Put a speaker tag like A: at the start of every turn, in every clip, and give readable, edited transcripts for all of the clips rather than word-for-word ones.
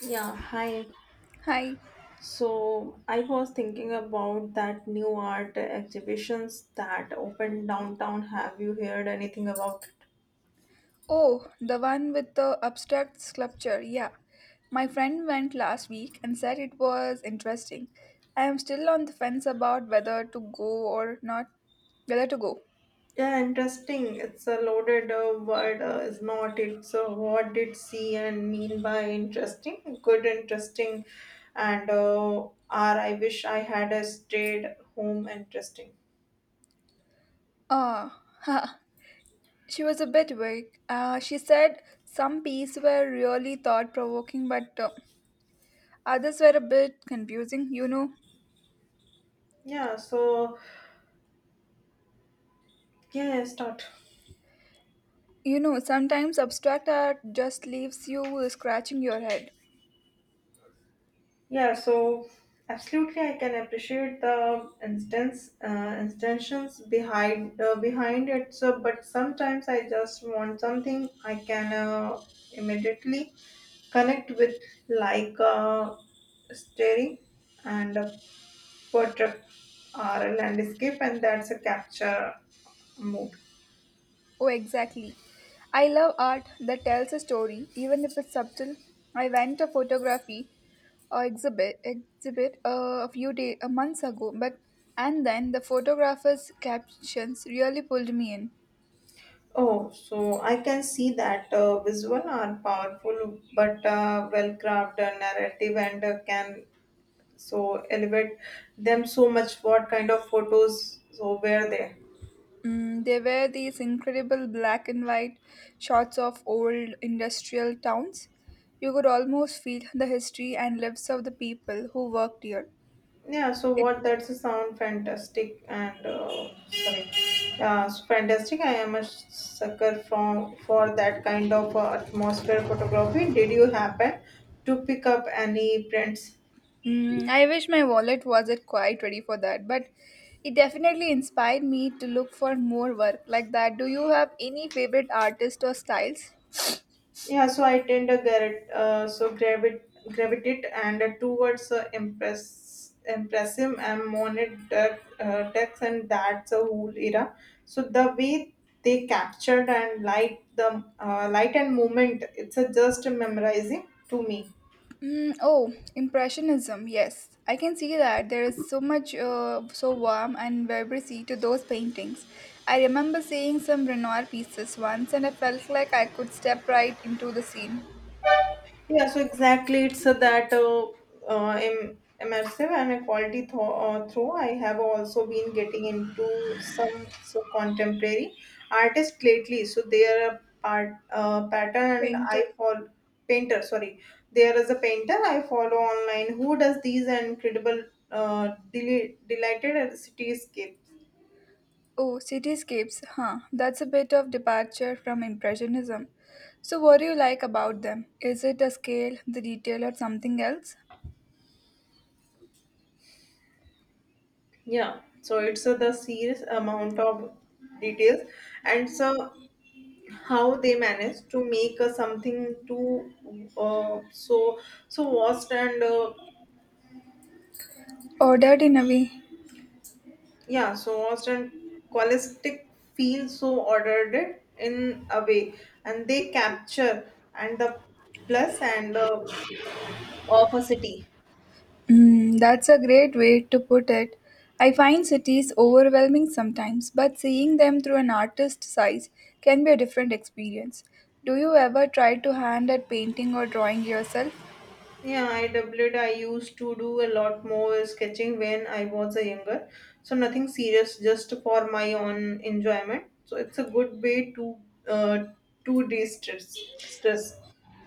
A: Yeah, hi.
B: Hi.
A: So I was thinking about that new art exhibitions that opened downtown. Have you heard anything about it?
B: Oh, the one with the abstract sculpture. Yeah. My friend went last week and said it was interesting. I am still on the fence about whether to go or not. Whether to go.
A: Yeah, interesting. It's a loaded word, is not it? So what did see and mean by interesting? Good, interesting, and are I wish I had a stayed home interesting.
B: Ah, ha. She was a bit vague. She said some pieces were really thought provoking, but others were a bit confusing.
A: Yeah. So yeah, start.
B: Sometimes abstract art just leaves you scratching your head.
A: Yeah, so absolutely, I can appreciate the instance intentions behind it. So, but sometimes I just want something I can immediately connect with, like staring and a portrait or a landscape, and that's a capture mood.
B: Oh, exactly. I love art that tells a story, even if it's subtle. I went to photography or exhibit a few days a months ago, but and then the photographer's captions really pulled me in.
A: Oh, so I can see that visual are powerful, but well crafted narrative and can so elevate them so much, what kind of photos so were there?
B: Mm, they were these incredible black and white shots of old industrial towns. You could almost feel the history and lives of the people who worked here.
A: Yeah, so
B: It
A: what that's a sound fantastic and sorry so fantastic, I am a sucker from for that kind of atmosphere photography. Did you happen to pick up any prints?
B: mm, I wish my wallet wasn't quite ready for that, but it definitely inspired me to look for more work like that. Do you have any favorite artists or styles?
A: Yeah, so I tend to gravitate, gravitate and towards impressive and monitor text, and that's a whole era. So the way they captured and light the light and movement, it's a just memorizing to me.
B: Mm, oh, Impressionism, yes. I can see that there is so much, so warm and vibrancy to those paintings. I remember seeing some Renoir pieces once and I felt like I could step right into the scene.
A: Yeah, so exactly, it's immersive and a quality through. I have also been getting into some so contemporary artists lately. So they are a part pattern, and
B: Painter.
A: I follow painter. Sorry, there is a painter I follow online who does these incredible, delighted at cityscape.
B: Oh, cityscapes, huh? That's a bit of departure from Impressionism. So, what do you like about them? Is it a scale, the detail, or something else?
A: Yeah, so it's the serious amount of details, and so how they manage to make something too uh, so so vast and
B: Ordered in a way.
A: yeah so vast and holistic feel so ordered it in a way, and they capture and the plus and of a city.
B: Mm, that's a great way to put it. I find cities overwhelming sometimes, but seeing them through an artist's eyes can be a different experience. Do you ever try to hand at painting or drawing yourself?
A: Yeah, I doubled I used to do a lot more sketching when I was a younger. So nothing serious, just for my own enjoyment. So it's a good way uh, to de-stress stress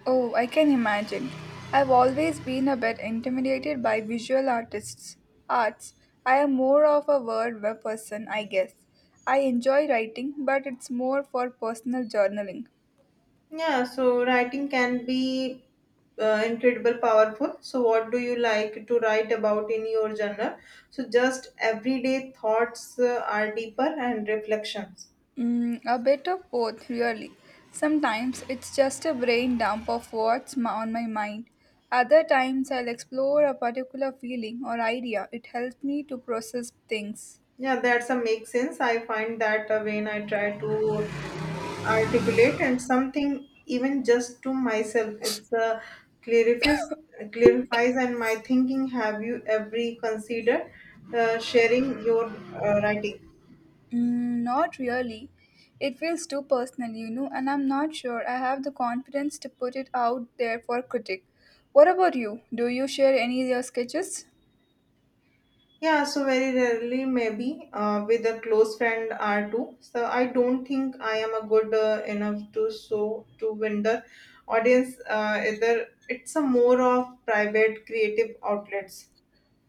B: Oh, I can imagine. I've always been a bit intimidated by visual artists' arts. I am more of a word web person, I guess. I enjoy writing, but it's more for personal journaling.
A: Yeah, so writing can be incredible powerful. So what do you like to write about in your journal? So just everyday thoughts are deeper and reflections.
B: Mm, a bit of both, really. Sometimes it's just a brain dump of on my mind. Other times I'll explore a particular feeling or idea. It helps me to process things.
A: Yeah, that's a make sense. I find that when I try to articulate and something even just to myself, it's a clarifies clarifies and my thinking. Have you ever considered sharing your writing?
B: Mm, not really. It feels too personal, you know, and I'm not sure I have the confidence to put it out there for critic. What about you? Do you share any of your sketches?
A: Yeah, so very rarely, maybe with a close friend or two. So I don't think I am a good enough to so to win the audience. Either it's a more of private creative outlets.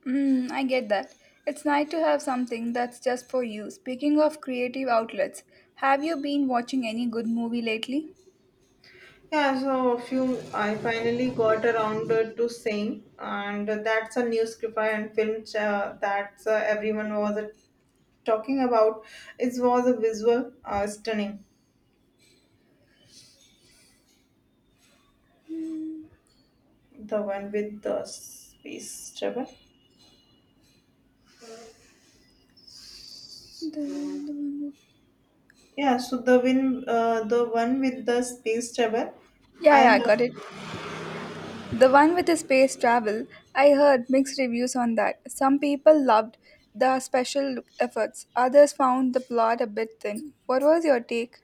B: Mm, I get that. It's nice to have something that's just for you. Speaking of creative outlets, have you been watching any good movie lately?
A: Yeah, so a few I finally got around to saying, and that's a new script and film that everyone was talking about. It was a visual stunning, the one with the space travel.
B: The- the one- who-
A: Yeah, so the one with the space travel,
B: Yeah,
A: I
B: yeah, I
A: have.
B: got it. The one with the space travel, I heard mixed reviews on that. Some people loved the special efforts, others found the plot a bit thin. What was your take?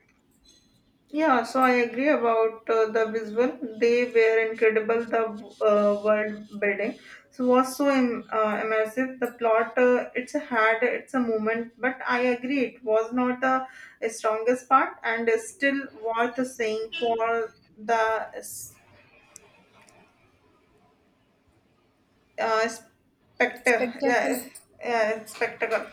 A: Yeah, so I agree about the visual. They were incredible. The world building so was so immersive. The plot, it's a moment. But I agree, it was not the strongest part, and is still worth saying for the spectacle.
B: Spectacle.
A: Spectacle.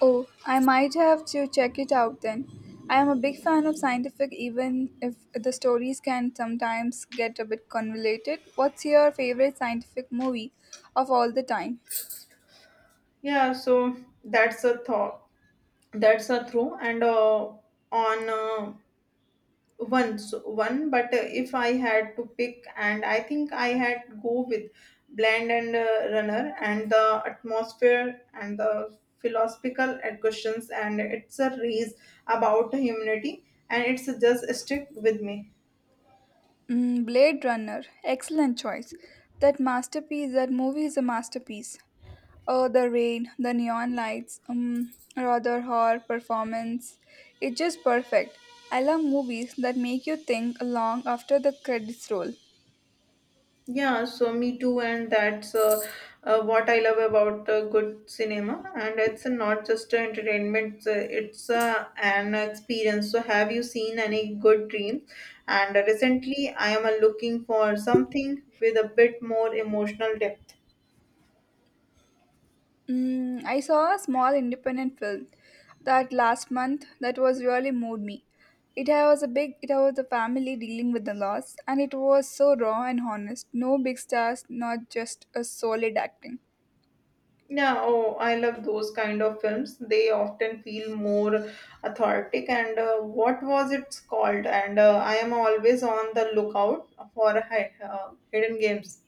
B: Oh, I might have to check it out then. I am a big fan of scientific, even if the stories can sometimes get a bit convoluted. What's your favorite scientific movie of all the time?
A: Yeah, so that's a thought. That's a true and on once one, but if I had to pick, and I think I had go with Blend and Runner and the atmosphere and the philosophical questions, and it's a race about humanity and it's just stick with me.
B: Mm, Blade Runner. Excellent choice. That masterpiece, that movie is a masterpiece. Oh, the rain, the neon lights, rather horror performance. It's just perfect. I love movies that make you think long after the credits roll.
A: Yeah, so me too, and that's what I love about good cinema. And it's not just entertainment; it's, an experience. So, have you seen any good dreams? And recently, I am looking for something with a bit more emotional depth.
B: Mm, I saw a small independent film that last month that was really moved me. It was a big, it was a family dealing with the loss, and it was so raw and honest. No big stars, not just a solid acting.
A: Yeah, oh, I love those kind of films. They often feel more authentic. And what was it called? And I am always on the lookout for hidden games.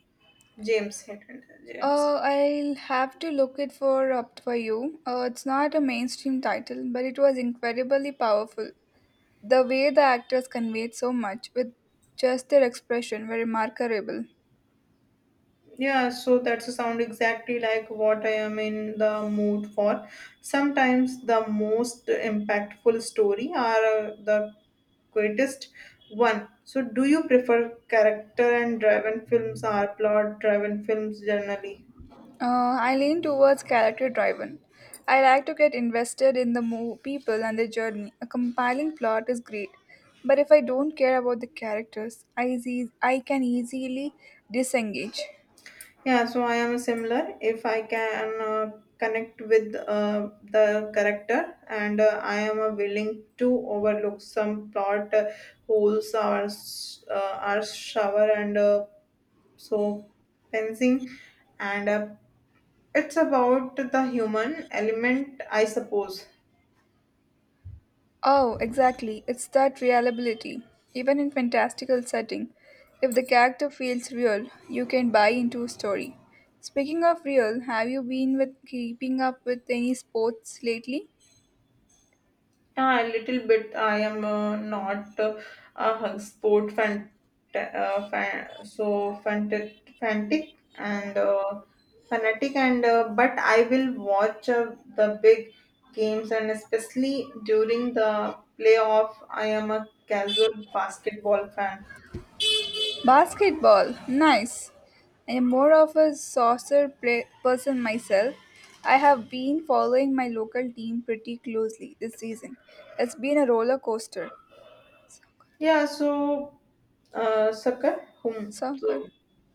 A: James Hetfield, James.
B: I'll have to look it for up for you. It's not a mainstream title, but it was incredibly powerful. The way the actors conveyed so much with just their expression were remarkable.
A: Yeah, so that's a sound exactly like what I am in the mood for. Sometimes the most impactful story are the greatest one. So do you prefer character and driven films or plot driven films generally?
B: I lean towards character driven. I like to get invested in the people and their journey. A compelling plot is great, but if I don't care about the characters, I can easily disengage.
A: Yeah, so I am similar. If I can connect with the character, and I am willing to overlook some plot holes or or shower and so fencing, and it's about the human element, I suppose.
B: Oh, exactly. It's that reliability. Even in fantastical setting, if the character feels real, you can buy into a story. Speaking of real, have you been with keeping up with any sports lately?
A: Yeah, a little bit. I am not a hug sport fan, fan so fanatic, fanatic and fanatic and but I will watch the big games, and especially during the playoff. I am a casual basketball fan.
B: Basketball. Nice. I am more of a person myself. I have been following my local team pretty closely this season. It's been a roller coaster.
A: Yeah, so soccer, whom
B: Soccer.
A: so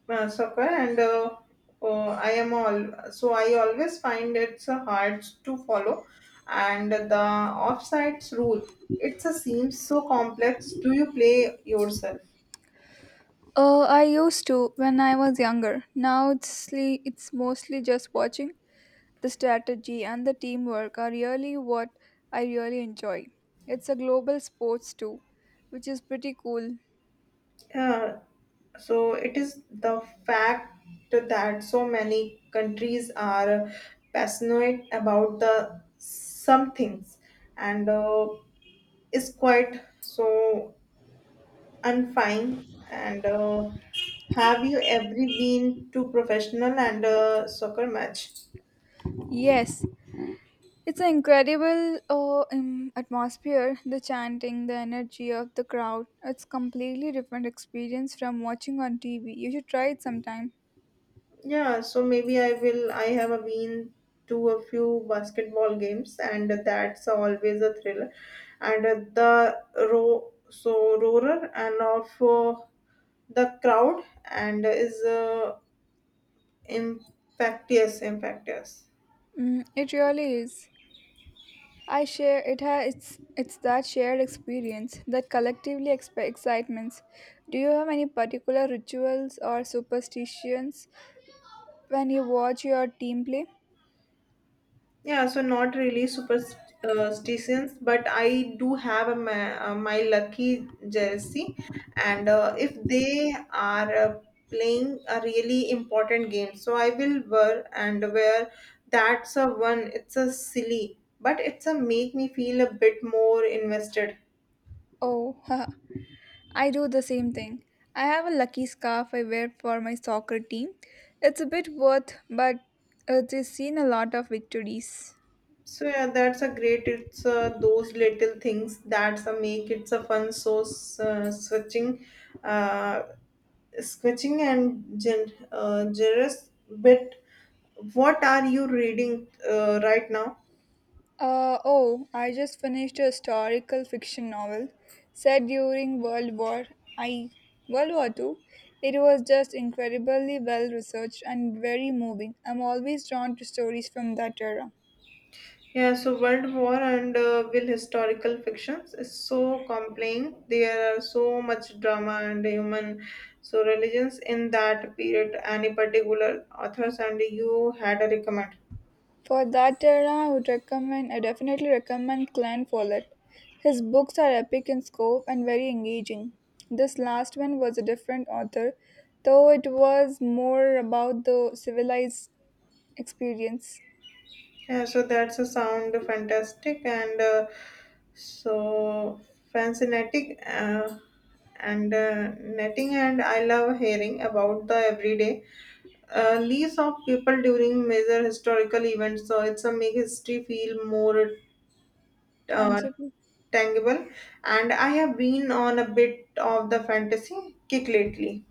A: soccer and I am all so I always find it's hard to follow and the offsides rule, it seems so complex. Do you play yourself?
B: I used to when I was younger. It's mostly just watching. The strategy and the teamwork are really what I really enjoy. It's a global sports too, which is pretty cool.
A: Uh, so it is the fact that so many countries are passionate about the some things, and is quite so I'm fine. And have you ever been to professional and soccer match?
B: Yes, it's an incredible atmosphere. The chanting, the energy of the crowd. It's completely different experience from watching on TV. You should try it sometime.
A: Yeah, so maybe I will. I have been to a few basketball games, and that's always a thriller. And the roar, so roarer and of the crowd, and is infectious.
B: Mm, it really is. I share it has it's that shared experience that collectively excitements. Do you have any particular rituals or superstitions when you watch your team play?
A: Yeah, so not really superstitions, but I do have a, my, my lucky jersey, and if they are playing a really important game, so I will wear and wear. That's a one. It's a silly, but it's a make me feel a bit more invested.
B: Oh, I do the same thing. I have a lucky scarf I wear for my soccer team. It's a bit worth, but it has seen a lot of victories.
A: So yeah, that's a great. It's those little things that's a make it's a fun. So switching. Uh, sketching and generous bit, what are you reading right now?
B: Oh, I just finished a historical fiction novel set during World War I, World War II. It was just incredibly well researched and very moving. I'm always drawn to stories from that era.
A: Yeah, so world war and will historical fictions is so compelling, there are so much drama and human so religions in that period. Any particular authors and you had a recommend?
B: For that era, I definitely recommend Clan Follett. His books are epic in scope and very engaging. This last one was a different author, though it was more about the civilized experience.
A: Yeah, so that's a sound fantastic and so fascinating and netting, and I love hearing about the everyday leaves of people during major historical events. So it's a make history feel more uh,
B: Tangible.
A: tangible, and I have been on a bit of the fantasy kick lately.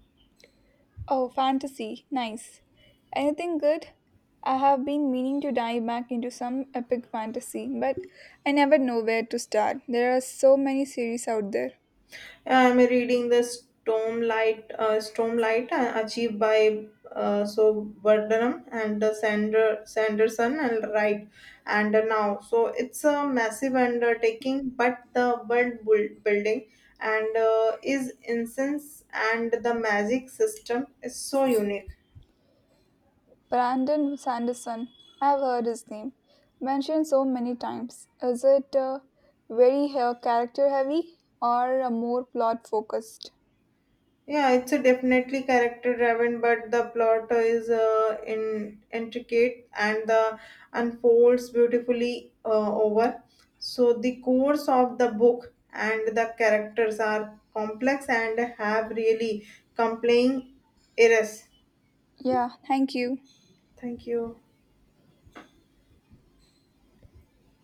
B: Oh, fantasy. Nice. Anything good? I have been meaning to dive back into some epic fantasy, but I never know where to start. There are so many series out there.
A: I'm reading the Stormlight achieved by Burnham and Sanderson and Wright, and now so it's a massive undertaking, but the building and is incense, and the magic system is so unique.
B: Brandon Sanderson. I have heard his name mentioned so many times. Is it very character heavy or more plot focused?
A: Yeah, it's a definitely character driven, but the plot is in intricate and the unfolds beautifully over. So the course of the book, and the characters are complex and have really compelling errors.
B: Yeah, thank you.
A: Thank you.